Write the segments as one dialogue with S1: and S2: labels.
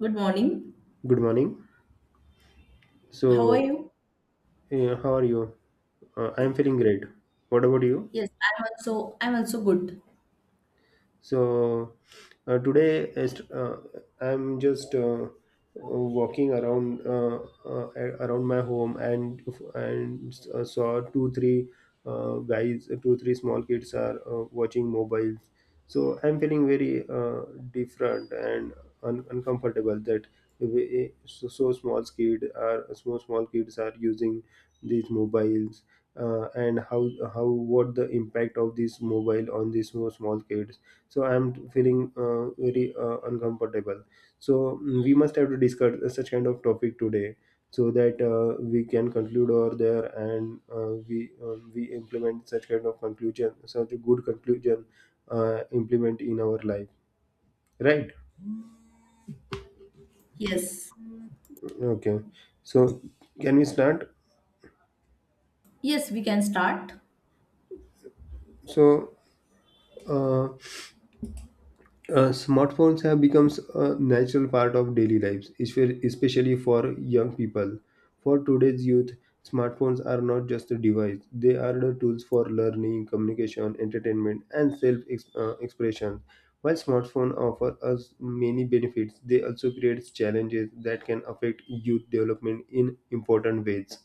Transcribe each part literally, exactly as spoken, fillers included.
S1: Good morning.
S2: Good morning.
S1: How are
S2: So,
S1: you?
S2: uh, how are you? Uh, I am feeling great. What about you?
S1: Yes, I'm also I'm also good.
S2: So uh, today is- uh, I'm just uh, uh, walking around uh, uh, around my home and and uh, saw two three uh, guys, two three small kids are uh, watching mobiles. So I'm feeling very uh, different and un- uncomfortable that we- so, so small kid are so small kids are using these mobiles, uh, and how how what the impact of this mobile on these small small kids. So I'm feeling uh, very uh, uncomfortable. So, mm, we must have to discuss such kind of topic today, so that uh, we can conclude over there, and uh, we um, we implement such kind of conclusion, such a good conclusion, uh, implement in our life. Right.
S1: Yes.
S2: Okay. So, can we start?
S1: Yes, we can start.
S2: So, uh, Uh, smartphones have become a natural part of daily lives, espe- especially for young people. For today's youth, smartphones are not just a device; they are the tools for learning, communication, entertainment, and self-expression. While smartphones offer us many benefits, they also create challenges that can affect youth development in important ways.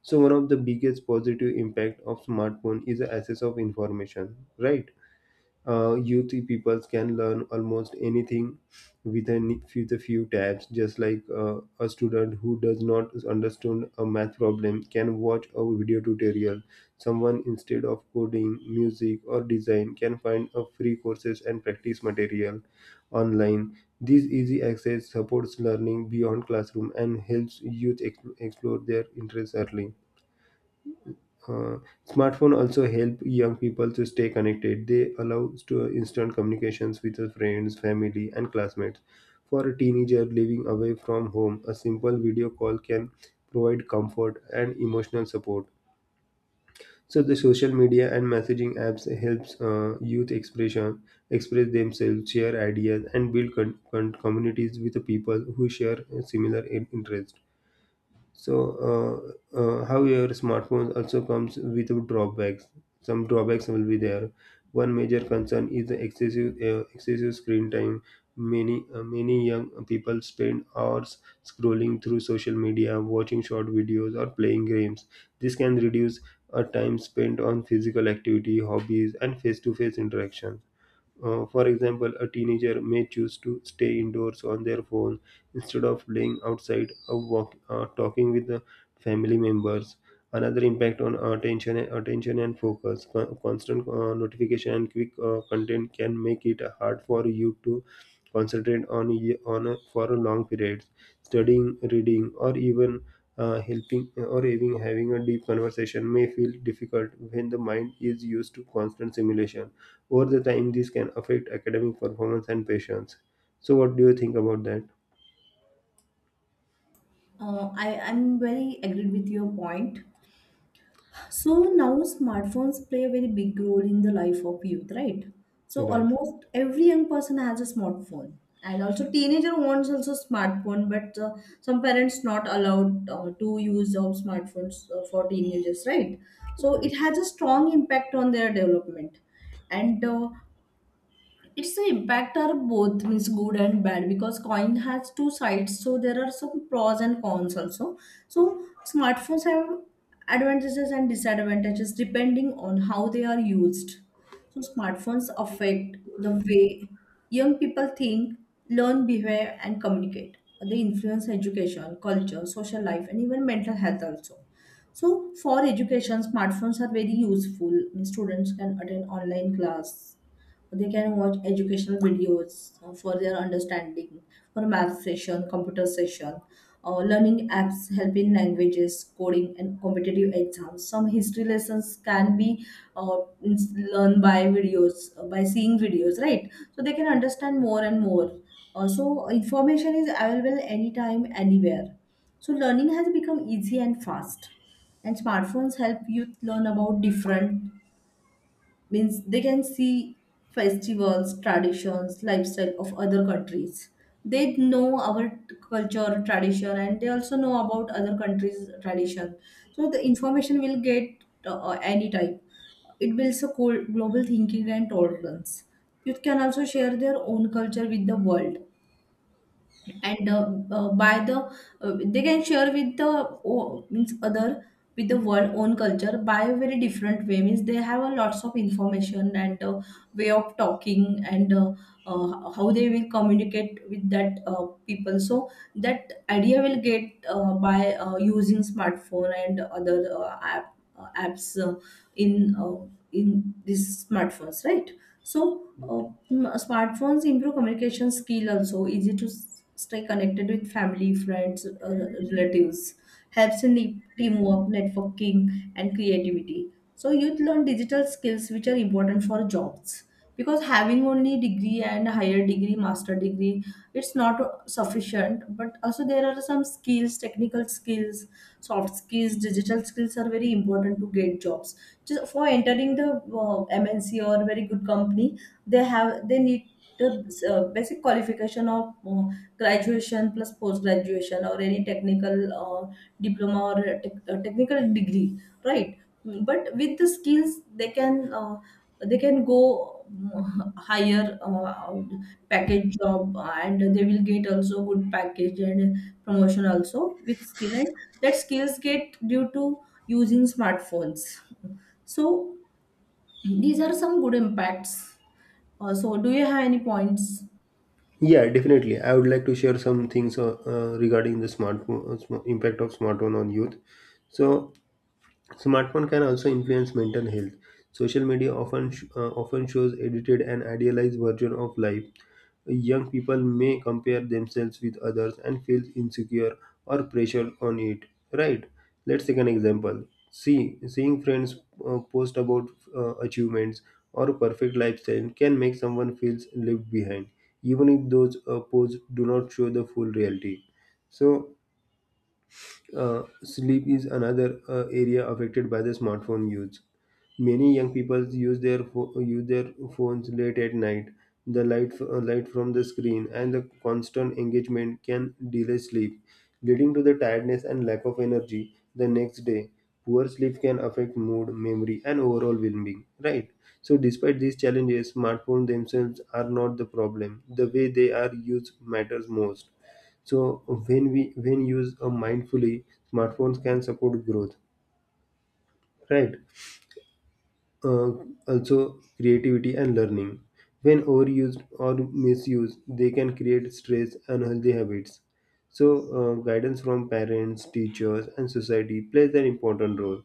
S2: So, one of the biggest positive impact of smartphone is the access of information, right? Uh, youth people can learn almost anything with a ni- with a few tabs, just like uh, a student who does not understand a math problem can watch a video tutorial. Someone instead of coding music or design can find a free courses and practice material online. This easy access supports learning beyond classroom and helps youth ex- explore their interests early. uh, Smartphone also help young people to stay connected. They allow to instant communications with their friends, family, and classmates. For a teenager living away from home, a simple video call can provide comfort and emotional support. So the social media and messaging apps helps uh, youth expression express themselves, share ideas, and build con- con- communities with the people who share similar in- interests. So, uh, uh, however, smartphones also comes with drawbacks. Some drawbacks will be there. One major concern is the excessive uh, excessive screen time. Many uh, many young people spend hours scrolling through social media, watching short videos, or playing games. This can reduce a time spent on physical activity, hobbies, and face-to-face interaction. Uh, for example, a teenager may choose to stay indoors on their phone instead of playing outside or walk, uh, talking with the family members. Another impact on attention, attention and focus. Con- Constant uh, notification and quick uh, content can make it hard for you to concentrate on y- on a, for a long periods. Studying, reading, or even uh, helping or even having a deep conversation may feel difficult when the mind is used to constant stimulation. Over the time, this can affect academic performance and patience. So, what do you think about that?
S1: Uh, I I'm very agreed with your point. So now smartphones play a very big role in the life of youth, right? So
S2: Right.
S1: almost every young person has a smartphone, and also teenager wants also smartphone, but uh, some parents not allowed uh, to use of smartphones uh, for teenagers, right? So
S2: Right.
S1: it has a strong impact on their development, and uh, its impact are both means good and bad because coin has two sides, so there are some pros and cons also. So smartphones have advantages and disadvantages depending on how they are used. So smartphones affect the way young people think, learn, behave, and communicate. They influence education, culture, social life, and even mental health also. So for education, smartphones are very useful. Students can attend online class. They can watch educational videos uh, for their understanding, for math session, computer session, uh, learning apps help in languages, coding, and competitive exams. Some history lessons can be uh, ins- learned by videos, uh, by seeing videos, right? So they can understand more and more. Uh, so information is available anytime, anywhere. So learning has become easy and fast, and smartphones help youth learn about different, means they can see festivals, traditions, lifestyle of other countries. They know our t- culture, tradition, and they also know about other countries tradition. So the information will get uh, any type. It builds a cold global thinking and tolerance. Youth can also share their own culture with the world, and uh, uh, by the uh, they can share with the o, means other, with the world own culture by a very different way, means they have a lots of information and uh, way of talking and uh, uh, how they will communicate with that uh, people. So that idea will get uh, by uh, using smartphone and other uh, app, uh, apps uh, in uh, in these smartphones, right? So, uh, m- uh, smartphones improve communication skill also, easy to s- stay connected with family, friends, uh, relatives, helps in the teamwork, networking, and creativity. So, youth learn digital skills which are important for jobs, because having only degree and higher degree, master degree, it's not uh, sufficient. But also there are some skills, technical skills, soft skills, digital skills are very important to get jobs, just for entering the uh, mnc or very good company. They have they need the uh, basic qualification of uh, graduation plus post graduation or any technical uh, diploma or a tech- a technical degree, right? Mm, but with the skills they can uh, they can go mm, higher uh, package job, and they will get also good package and promotion also with skill, and that skills get due to using smartphones. So these are some good impacts. Uh, so do you have any points?
S2: Yeah, definitely. I would like to share some things uh, uh, regarding the smartphone uh, sm- impact of smartphone on youth. So, smartphone can also influence mental health. Social media often sh- uh, often shows edited and idealized version of life. Young people may compare themselves with others and feel insecure or pressured on it. Right? Let's take an example. See, seeing friends uh, post about uh, achievements or perfect lifestyle can make someone feel left behind, even if those uh, posts do not show the full reality. So, uh, sleep is another uh, area affected by the smartphone use. Many young people use their pho- use their phones late at night. The light f- uh, light from the screen and the constant engagement can delay sleep, leading to the tiredness and lack of energy the next day. Poor sleep can affect mood, memory, and overall well-being. Right. So, despite these challenges, smartphones themselves are not the problem. The way they are used matters most. So, when we when used uh, mindfully, smartphones can support growth, right? Uh, Also creativity and learning. When overused or misused, they can create stress and unhealthy habits. So, uh, guidance from parents, teachers, and society plays an important role.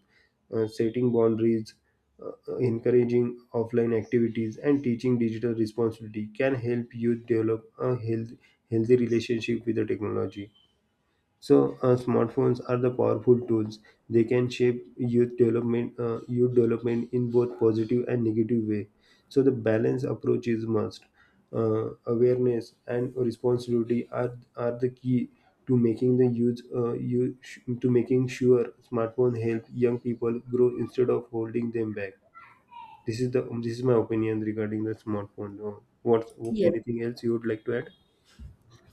S2: Uh, setting boundaries, uh, encouraging offline activities, and teaching digital responsibility can help youth develop a health, healthy relationship with the technology. So, uh, smartphones are the powerful tools. They can shape youth development, uh, youth development in both positive and negative way. So the balance approach is must. Uh, awareness and responsibility are are the key to making the use uh, you to making sure smartphone help young people grow instead of holding them back. This is the this is my opinion regarding the smartphone. Uh, What
S1: Yes.
S2: Anything else you would like to add?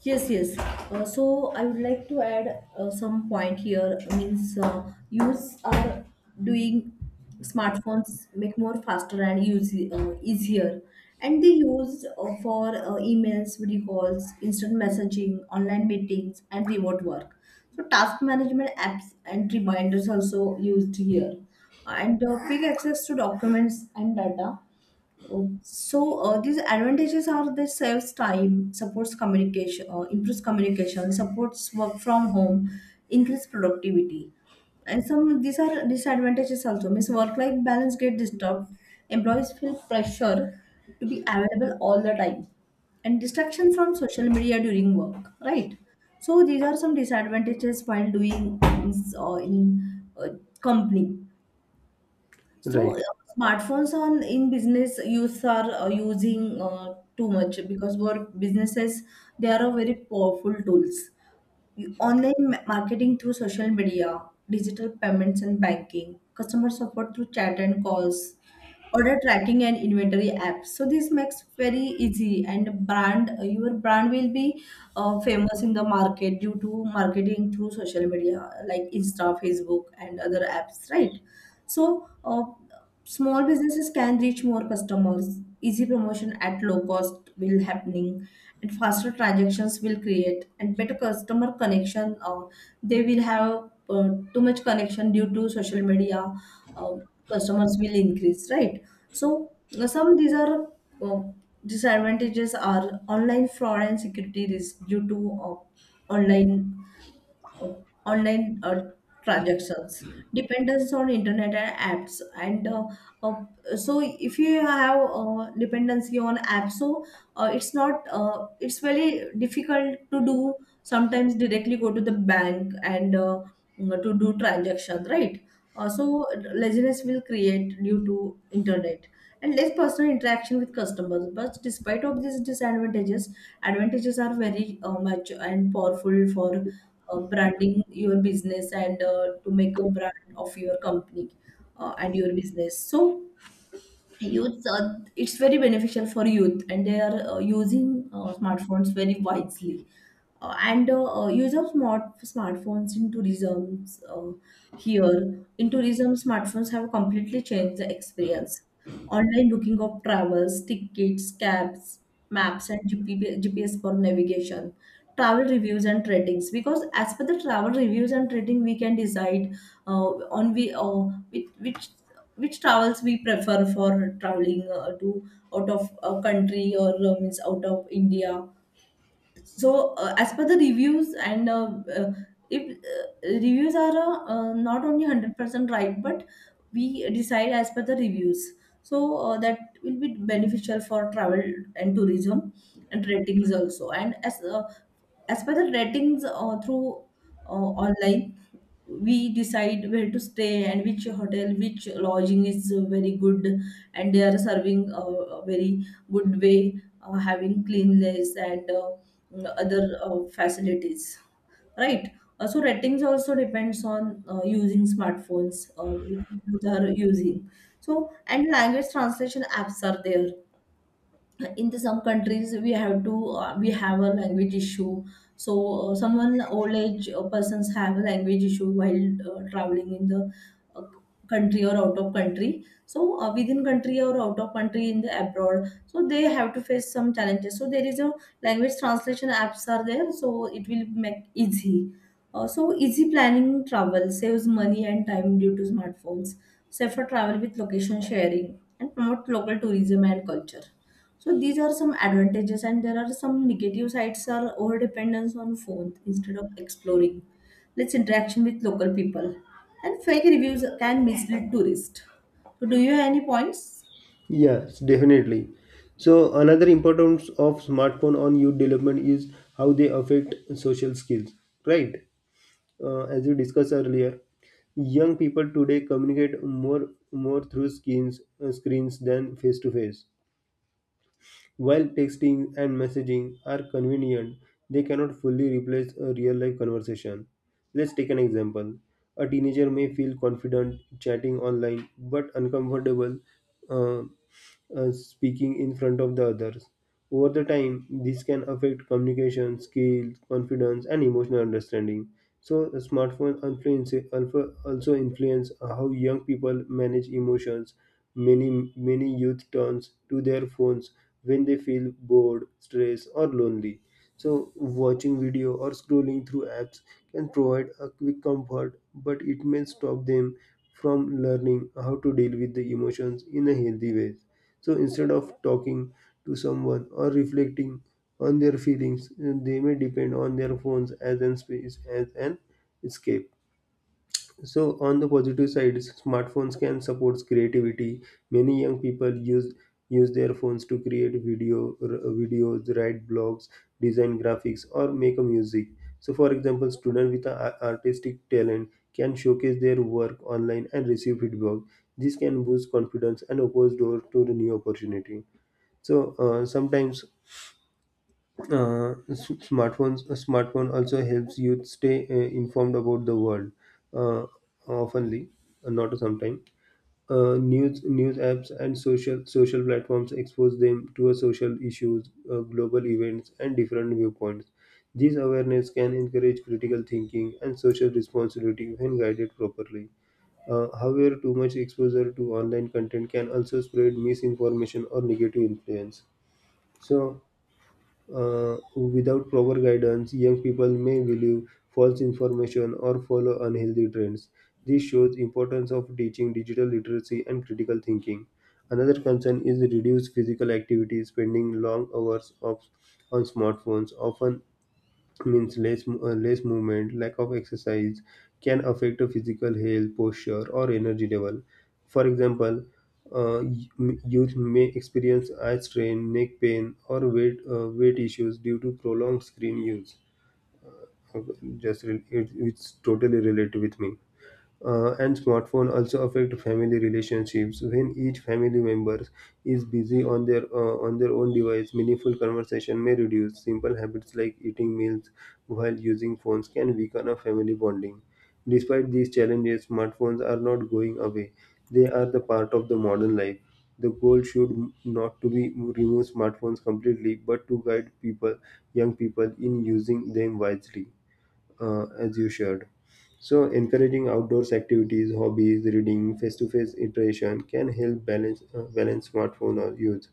S1: Yes, yes. Uh, so I would like to add uh, some point here. Means uh, youths are doing smartphones, make more faster and use uh, easier, and they use uh, for uh, emails, video calls, instant messaging, online meetings, and remote work. So task management apps and reminders also used here, and uh, quick access to documents and data. Um, so uh, these advantages are that saves time, supports communication, uh, improves communication, supports work from home, increase productivity, and some these are disadvantages also. Means work-life balance get disturbed. Employees feel pressure to be available all the time, and distraction from social media during work. Right. So these are some disadvantages while doing things uh, in uh, company. So
S2: Right.
S1: uh, smartphones on in business use are uh, using uh, too much, because for businesses they are a very powerful tools. You- Online ma- marketing through social media, digital payments and banking, customer support through chat and calls, order tracking and inventory apps. So this makes very easy, and brand, your brand will be uh, famous in the market due to marketing through social media like Insta, Facebook, and other apps, right? So uh, small businesses can reach more customers. Easy promotion at low cost will happening, and faster transactions will create and better customer connection. Uh, they will have uh, too much connection due to social media. uh, Customers will increase, right? So uh, some these are uh, disadvantages are online fraud and security risk due to uh, online online uh, transactions, dependence on internet and apps, and uh, uh, so if you have uh, dependency on apps, so uh, it's not uh, it's very difficult to do sometimes, directly go to the bank and uh, mm, to do transactions, right? Uh, so laziness will create due to internet and less personal interaction with customers. But despite of these disadvantages, advantages are very uh, much and powerful for uh, branding your business and uh, to make a brand of your company uh, and your business. So youth, uh, it's very beneficial for youth, and they are uh, using uh, smartphones very wisely. Uh, and uh, uh, Use of smart smartphones in tourism, uh, here in tourism smartphones have completely changed the experience. Online booking of travels, tickets, cabs, maps, and G P gps for navigation, travel reviews and ratings, because as per the travel reviews and rating we can decide uh, on we uh, which, which which travels we prefer for traveling uh, to out of a country or uh, means out of India. So uh, as per the reviews and uh, uh, if uh, reviews are uh, uh, not only one hundred percent right, but we decide as per the reviews. So uh, that will be beneficial for travel and tourism, and ratings also. And as uh, as per the ratings uh, through uh, online, we decide where to stay and which hotel, which lodging is uh, very good and they are serving uh, a very good way, uh, having cleanliness and uh, other uh, facilities, right? Uh, so ratings also depends on uh, using smartphones uh, which you are using. So, and language translation apps are there. In the some countries we have to uh, we have a language issue. So uh, someone old age uh, persons have a language issue while uh, traveling in the uh, country or out of country. So uh, within country or out of country in the abroad, so they have to face some challenges. So there is a language translation apps are there, so it will make easy. Uh, so easy planning, travel, saves money and time due to smartphones, safer travel with location sharing, and promote local tourism and culture. So these are some advantages, and there are some negative sides are over dependence on phones instead of exploring, less interaction with local people, and fake reviews can mislead tourists. So do you have any points?
S2: Yes, definitely. So, another importance of smartphone on youth development is how they affect social skills, right? Uh, as we discussed earlier, young people today communicate more more through screens uh, screens than face to face. While texting and messaging are convenient, they cannot fully replace a real life conversation. Let's take an example. A teenager may feel confident chatting online but uncomfortable uh, uh, speaking in front of the others. Over the time, this can affect communication, skills, confidence, and emotional understanding. So, smartphones influence, alpha- also influence how young people manage emotions. Many, many youth turns to their phones when they feel bored, stressed, or lonely. So, watching video or scrolling through apps can provide a quick comfort, but it may stop them from learning how to deal with the emotions in a healthy way. So, instead of talking to someone or reflecting on their feelings, they may depend on their phones as an space as an escape. So, on the positive side, smartphones can support creativity. Many young people use use their phones to create video r- videos, write blogs, design graphics, or make a music. So, for example, students with a ar- artistic talent can showcase their work online and receive feedback. This can boost confidence and opens door to the new opportunity. So, uh, sometimes uh, s- smartphones a smartphone also helps youth stay uh, informed about the world, uh, oftenly, uh, not sometime. Uh, news news apps and social social platforms expose them to a social issues, uh, global events, and different viewpoints. This awareness can encourage critical thinking and social responsibility when guided properly. Uh, however, too much exposure to online content can also spread misinformation or negative influence. So, uh, without proper guidance, young people may believe false information or follow unhealthy trends. This shows importance of teaching digital literacy and critical thinking. Another concern is reduced physical activity. Spending long hours of, on smartphones often means less uh, less movement, lack of exercise, can affect a physical health posture or energy level. For example, uh, y- youth may experience eye strain, neck pain, or weight uh, weight issues due to prolonged screen use. Okay, just re- it, it's totally related with me. Uh, and smartphone also affect family relationships. When each family member is busy on their uh, on their own device, meaningful conversation may reduce. Simple habits like eating meals while using phones can weaken a family bonding. Despite these challenges, smartphones are not going away. They are the part of the modern life. The goal should not to be remove smartphones completely, but to guide people young people in using them wisely, uh, as you shared. So, encouraging outdoors activities, hobbies, reading, face-to-face interaction can help balance uh, balance smartphone or use.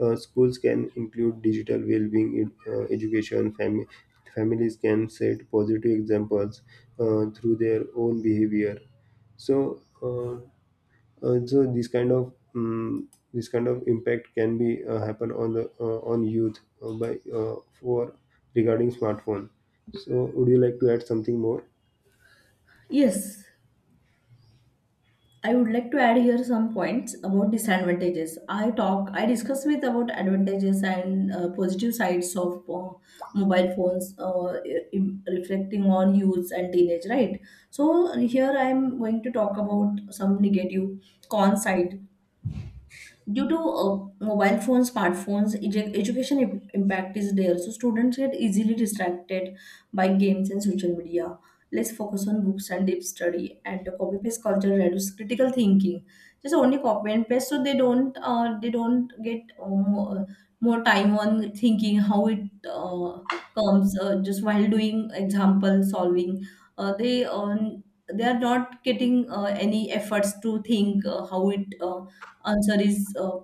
S2: Uh, schools can include digital well-being ed- uh, education. Fam- families can set positive examples uh, through their own behavior. So, uh, uh, so this kind of um, this kind of impact can be uh, happen on the uh, on youth, uh, by uh, for regarding smartphone. So, would you like to add something more?
S1: Yes. I would like to add here some points about disadvantages. I talk, I discuss with about advantages and uh, positive sides of uh, mobile phones, uh, im- reflecting on youths and teenage, right? So here I am going to talk about some negative con side due to uh, mobile phones, smartphones. Edu- education im- impact is there, so students get easily distracted by games and social media, less focus on books and deep study, and the copy paste culture reduces critical thinking. Just only copy and paste, so they don't uh, they don't get uh, more, more time on thinking how it uh, comes, uh, just while doing example solving, uh, they um, they are not getting uh, any efforts to think uh, how it uh, answer is uh,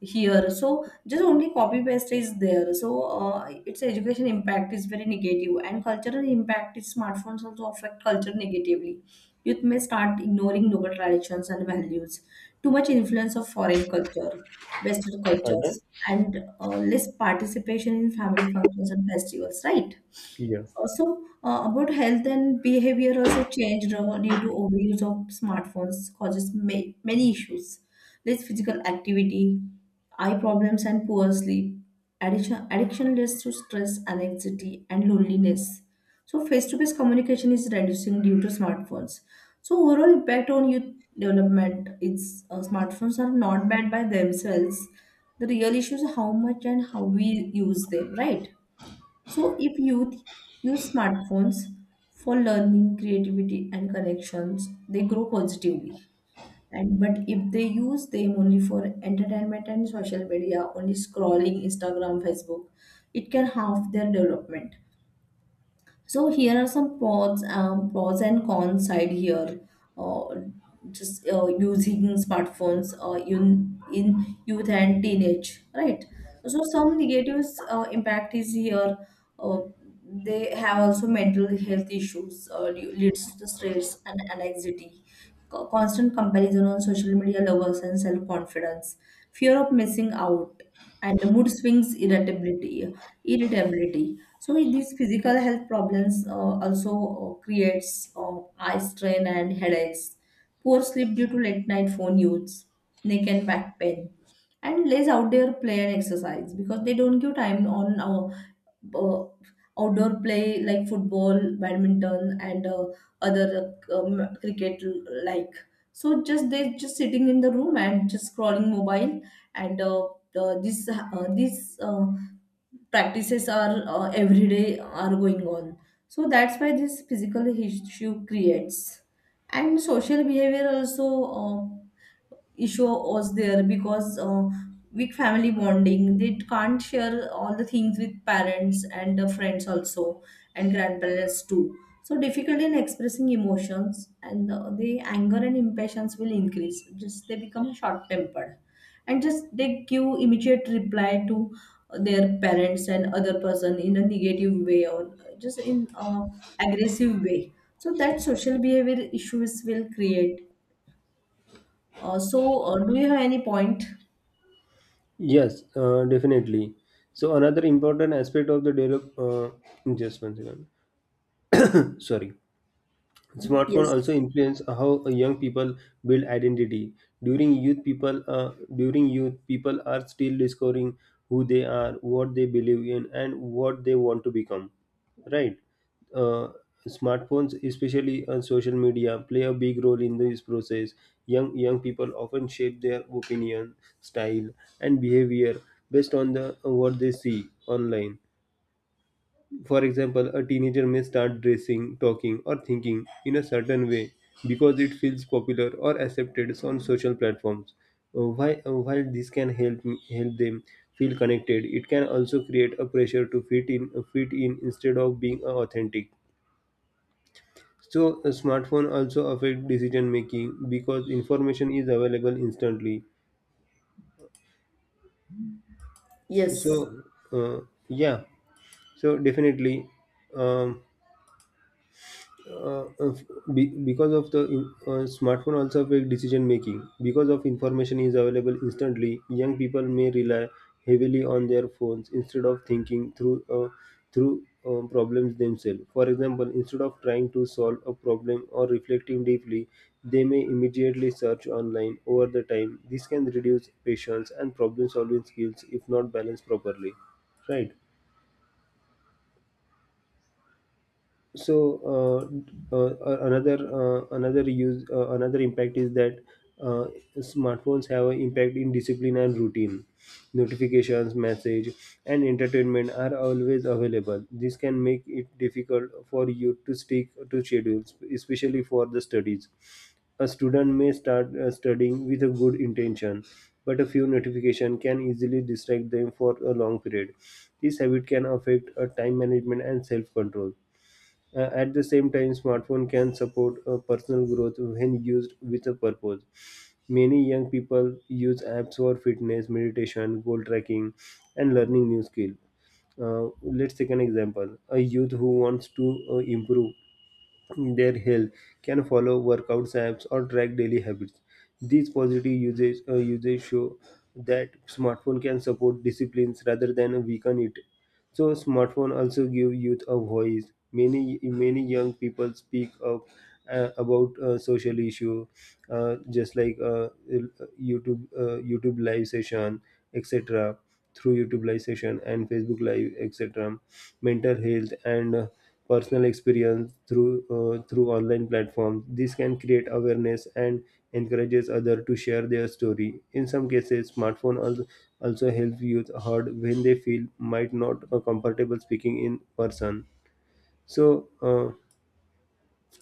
S1: here. So just only copy paste is there. So uh, its education impact is very negative. And cultural impact is, smartphones also affect culture negatively. Youth may start ignoring local traditions and values, too much influence of foreign culture, western cultures, and uh, less participation in family functions and festivals, right?
S2: Yeah.
S1: Also, uh, about health and behavior also changed uh, due to overuse of smartphones, causes ma- many issues. Less physical activity, eye problems, and poor sleep. Addiction, addiction leads to stress, anxiety, and loneliness. So face-to-face communication is reducing due to smartphones. So overall impact on youth development is, uh, smartphones are not bad by themselves. The real issue is how much and how we use them, right? So, if youth use smartphones for learning, creativity, and connections, they grow positively. And but if they use them only for entertainment and social media, only scrolling Instagram, Facebook, it can harm their development. So here are some pros, um, pros and cons side here. Uh, just uh, using smartphones uh, in, in youth and teenage, right? So some negatives uh, impact is here. Uh, they have also mental health issues, uh, leads to stress and anxiety. Co- Constant comparison on social media lowers and self confidence, fear of missing out, and mood swings, irritability, irritability. So with these physical health problems uh, also uh, creates uh, eye strain and headaches, poor sleep due to late night phone use, neck and back pain, and less outdoor play and exercise because they don't give time on uh, uh, outdoor play like football, badminton, and uh, other um, cricket. like so just they just sitting in the room and just scrolling mobile and uh, uh, this uh, this uh, practices are uh, every day are going on, so that's why this physical issue creates. And social behavior also, uh, issue was there because uh, weak family bonding, they can't share all the things with parents and uh, friends also, and grandparents too. So difficult in expressing emotions and uh, the anger and impatience will increase, just they become short tempered, and just they give immediate reply to their parents and other person in a negative way or just in uh, aggressive way. So that social behavior issues will create. Uh, so, uh, do you have any point?
S2: Yes, uh, definitely. So, another important aspect of the develop, uh, just one second. Sorry. Smartphone also
S1: Yes,
S2: influence how young people build identity. During youth, people uh, during youth people are still discovering who they are, what they believe in, and what they want to become. Right? Uh, Smartphones, especially on social media, play a big role in this process. Young young people often shape their opinion, style, and behavior based on the what they see online. For example, a teenager may start dressing, talking, or thinking in a certain way because it feels popular or accepted on social platforms. Uh, Why, uh, while this can help m- help them feel connected. It can also create a pressure to fit in, uh, fit in instead of being uh, authentic. So, a smartphone also affect decision making because information is available instantly.
S1: yes,
S2: So, uh, yeah. So definitely, um, uh, of- be, because of the in- uh, smartphone also affect decision making because of information is available instantly. Young people may rely heavily on their phones instead of thinking through uh, through uh, problems themselves. For example, instead of trying to solve a problem or reflecting deeply, they may immediately search online. Over the time this can reduce patience and problem solving skills if not balanced properly. Right. So uh, uh, uh, another uh, another use uh, another impact is that uh, smartphones have an impact in discipline and routine. Notifications, message, and entertainment are always available. This can make it difficult for you to stick to schedules, especially for the studies. A student may start uh, studying with a good intention, but a few notifications can easily distract them for a long period. This habit can affect uh, time management and self control. Uh, at the same time, smartphone can support uh, personal growth when used with a purpose. Many young people use apps for fitness, meditation, goal tracking, and learning new skills. Uh, let's take an example. A youth who wants to uh, improve their health can follow workouts apps or track daily habits. These positive usage, uh, usage show that smartphone can support disciplines rather than weaken it. So smartphone also give youth a voice. Many many young people speak up uh, about uh, social issue, uh, just like uh, YouTube uh, YouTube live session, et cetera. Through YouTube live session and Facebook live, etc, mental health and uh, personal experience through uh, through online platforms, this can create awareness and encourages others to share their story. In some cases, smartphone also, also help youth heard when they feel might not uh, comfortable speaking in person. so uh,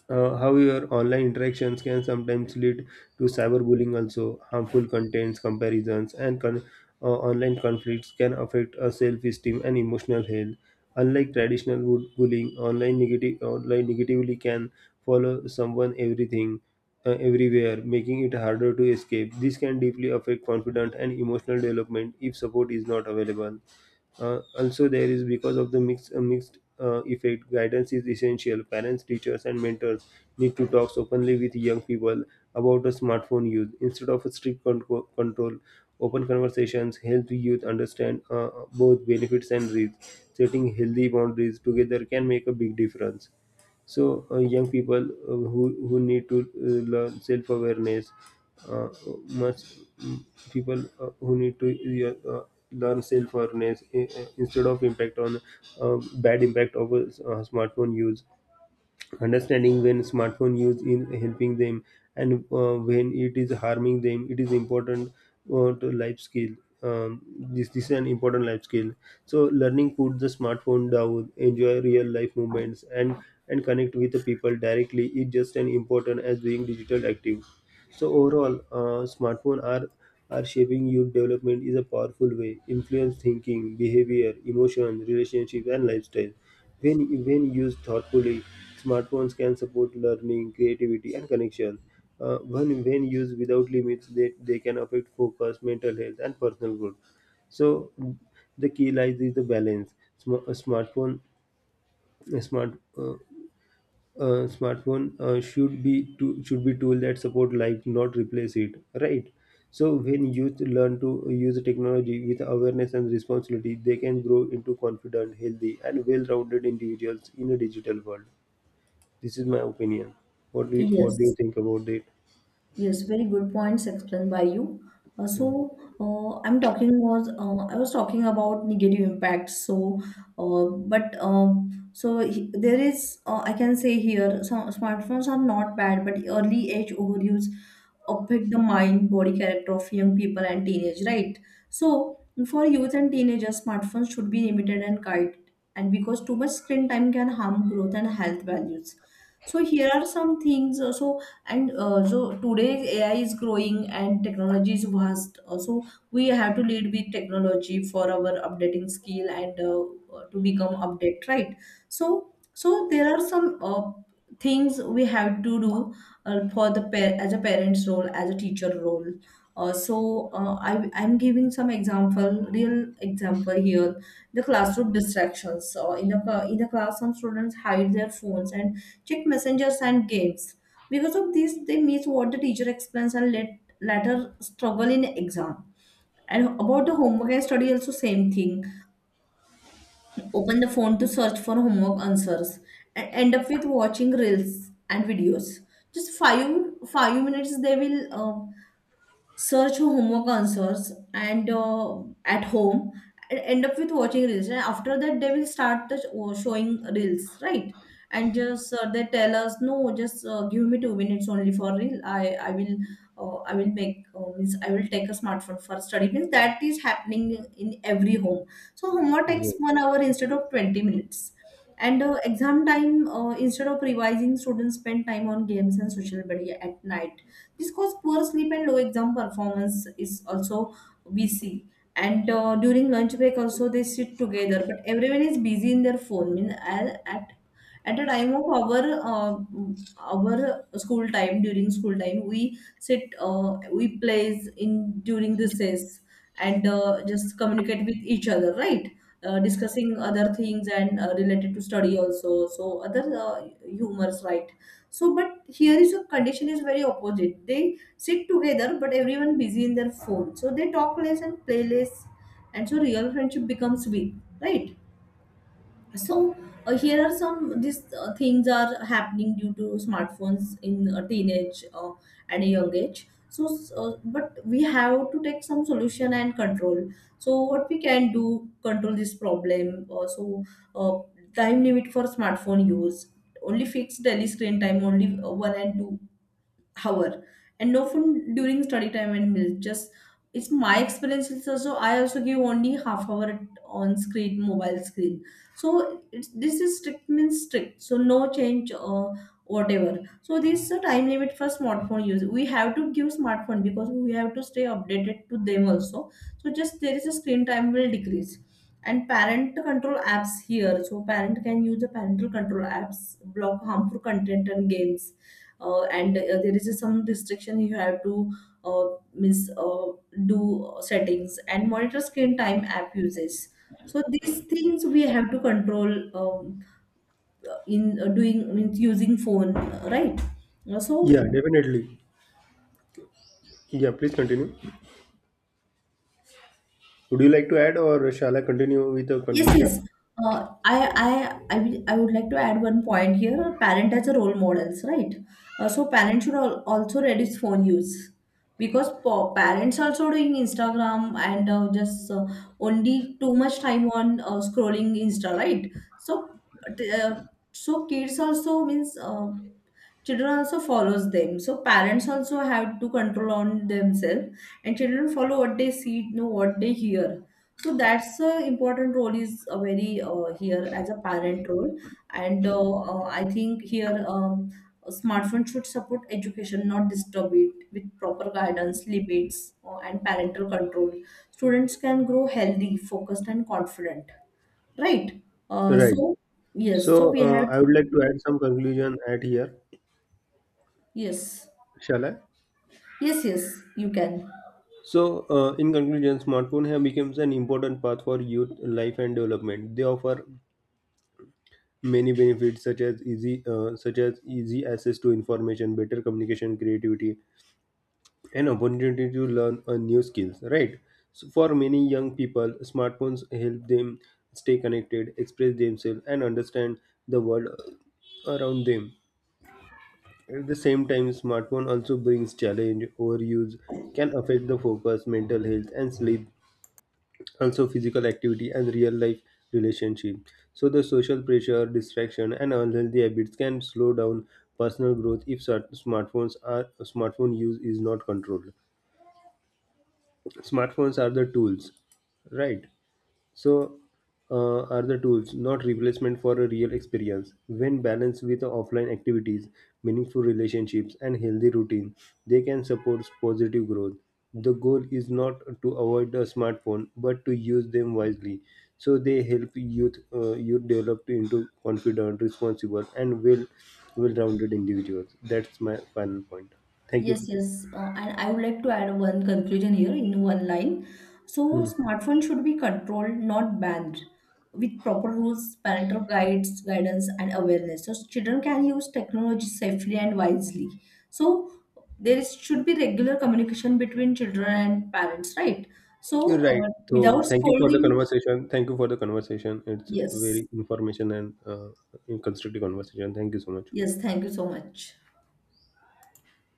S2: uh, however, online interactions can sometimes lead to cyberbullying also. Harmful contents, comparisons, and con- uh, online conflicts can affect our self-esteem and emotional health. Unlike traditional bu- bullying, online negative online negatively can follow someone everything uh, everywhere, making it harder to escape. This can deeply affect confidence and emotional development if support is not available. Uh, also, there is, because of the mix, uh, mixed uh, effect, guidance is essential. Parents, teachers, and mentors need to talk openly with young people about the smartphone use instead of a strict control. Control, open conversations help the youth understand uh, both benefits and risks. Setting healthy boundaries together can make a big difference. So uh, young people uh, who who need to uh, learn self awareness, uh, must mm, people uh, who need to uh, uh, learn self awareness, uh, uh, instead of impact on uh, bad impact of uh, smartphone use. Understanding when smartphone use is helping them and uh, when it is harming them, it is important uh, to life skill. Um, this this is an important life skill. So learning put the smartphone down, enjoy real life moments, and and connect with the people directly is just as important as being digital active. So overall, uh, smartphone are are shaping youth development is a powerful way, influence thinking, behavior, emotion, relationships, and lifestyle. When, when used thoughtfully, smartphones can support learning, creativity, and connection. Uh, when, when used without limits, they, they can affect focus, mental health, and personal growth. So the key lies is the balance. Sm- a smartphone, a smart uh, uh, smartphone uh, should be to, should be tool that support life, not replace it. Right. So when youth learn to use technology with awareness and responsibility, they can grow into confident, healthy, and well-rounded individuals in a digital world. This is my opinion. What do you, what do you
S1: yes.
S2: think about it?
S1: Yes, very good points explained by you. Uh, so uh, I'm talking was uh, I was talking about negative impacts. So, uh, but um, so he- there is, uh, I can say here, some smartphones are not bad, but early age overuse affect the mind body character of young people and teenage, right? So for youth and teenagers, smartphones should be limited and guided, and because too much screen time can harm growth and health values. So here are some things. uh, So and uh, so today ai is growing and technology is vast. Uh, so we have to lead with technology for our updating skill and uh, uh, to become update, right? So so there are some uh, things we have to do uh, for the par- as a parent's role, as a teacher role. uh, so uh, I, i'm giving some example, real example here. The classroom distractions, uh, in the cla- in the class, some students hide their phones and check messengers and games. Because of this, they miss what the teacher explains and let later struggle in exam. And about the homework and study, also same thing. Open the phone to search for homework answers and end up with watching reels and videos. Just five five minutes they will uh, search for homework answers and uh, at home and end up with watching reels, and after that they will start the sh- uh, showing reels, right? And just uh, they tell us, no, just uh, give me two minutes only for reel, i i will uh, I will make, uh, means I will take a smartphone for study, means that is happening in every home. So homework
S2: Yeah.
S1: takes one hour instead of twenty minutes. And uh, exam time, uh, instead of revising, students spend time on games and social media at night. This causes poor sleep and low exam performance is also we see. And uh, during lunch break also, they sit together but everyone is busy in their phone. Mean at at at the time of our uh, our school time, during school time, we sit uh, we plays in during recess and uh, just communicate with each other, right? Uh, discussing other things and uh, related to study also, so other uh, humors, right? So but here is a condition is very opposite. They sit together but everyone busy in their phone. So they talk less and play less, and so real friendship becomes weak, right? So uh, here are some these uh, things are happening due to smartphones in a teenage, uh, at a young age. So s- uh, but we have to take some solution and control. So what we can do control this problem, uh, so uh, time limit for smartphone use, only fixed daily screen time only uh, one and two hour, and no phone during study time and meals. Just it's my experience, it's also, I also give only half hour at- on screen, mobile screen. So it's, this is strict means strict, so no change or whatever. So this is a time limit for smartphone use. We have to give smartphone because we have to stay updated to them also. So just there is a screen time will decrease. And parent control apps here, so parent can use the parental control apps, block harmful content and games. Uh, and uh, there is some restriction you have to uh, miss uh, do settings and monitor screen time app uses. So these things we have to control, um, in uh, doing means using phone, uh, right? Uh, so
S2: Yeah, definitely. Yeah, please continue. Would you like to add or shall I continue with the
S1: Yes,
S2: conclusion?
S1: yes. Uh, I, I, I, will- I would like to add one point here. Parent as a role models, right? Uh, so parents should al- also reduce phone use, because pa- parents also doing Instagram and uh, just uh, only too much time on uh, scrolling Insta, right? So, but, uh, so kids also means, uh, children also follows them, so parents also have to control on themselves, and children follow what they see, know what they hear. So that's a important role is a very, uh, here as a parent role. And uh, uh, I think here, um, smartphone should support education, not disturb it. With proper guidance limits uh, and parental control, students can grow healthy, focused and confident, right? uh,
S2: Right.
S1: so
S2: So
S1: yes, so we
S2: uh,
S1: have
S2: I would like to
S1: to.
S2: add some conclusion at here.
S1: Yes.
S2: Shall I?
S1: Yes, yes, you can.
S2: So, uh, in conclusion, smartphone have become an important path for youth life and development. They offer many benefits such as easy, uh, such as easy access to information, better communication, creativity, and opportunity to learn uh, new skills. Right. So, for many young people, smartphones help them stay connected, express themselves, and understand the world around them. At the same time, smartphone also brings challenge. Overuse can affect the focus, mental health, and sleep, also physical activity and real life relationship. So the social pressure, distraction, and unhealthy habits can slow down personal growth if cert- smartphones are smartphone use is not controlled. Smartphones are the tools. Right. So, uh, are the tools, not replacement for a real experience? When balanced with offline activities, meaningful relationships, and healthy routine, they can support positive growth. The goal is not to avoid a smartphone, but to use them wisely, so they help youth uh, youth develop into confident, responsible, and well well-rounded individuals. That's my final point. Thank you.
S1: Yes, yes. Uh, and I would like to add one conclusion here in one line. So
S2: Hmm.
S1: smartphone should be controlled, not banned, with proper rules, parental guides, guidance, and awareness. So children can use technology safely and wisely. So there is, should be regular communication between children and parents, right?
S2: You're
S1: So,
S2: right.
S1: uh,
S2: So
S1: without
S2: thank you for the
S1: scolding,
S2: conversation. Thank you for the conversation. It's
S1: yes,
S2: very information and uh, constructive conversation. Thank you so much.
S1: yes, thank you so much.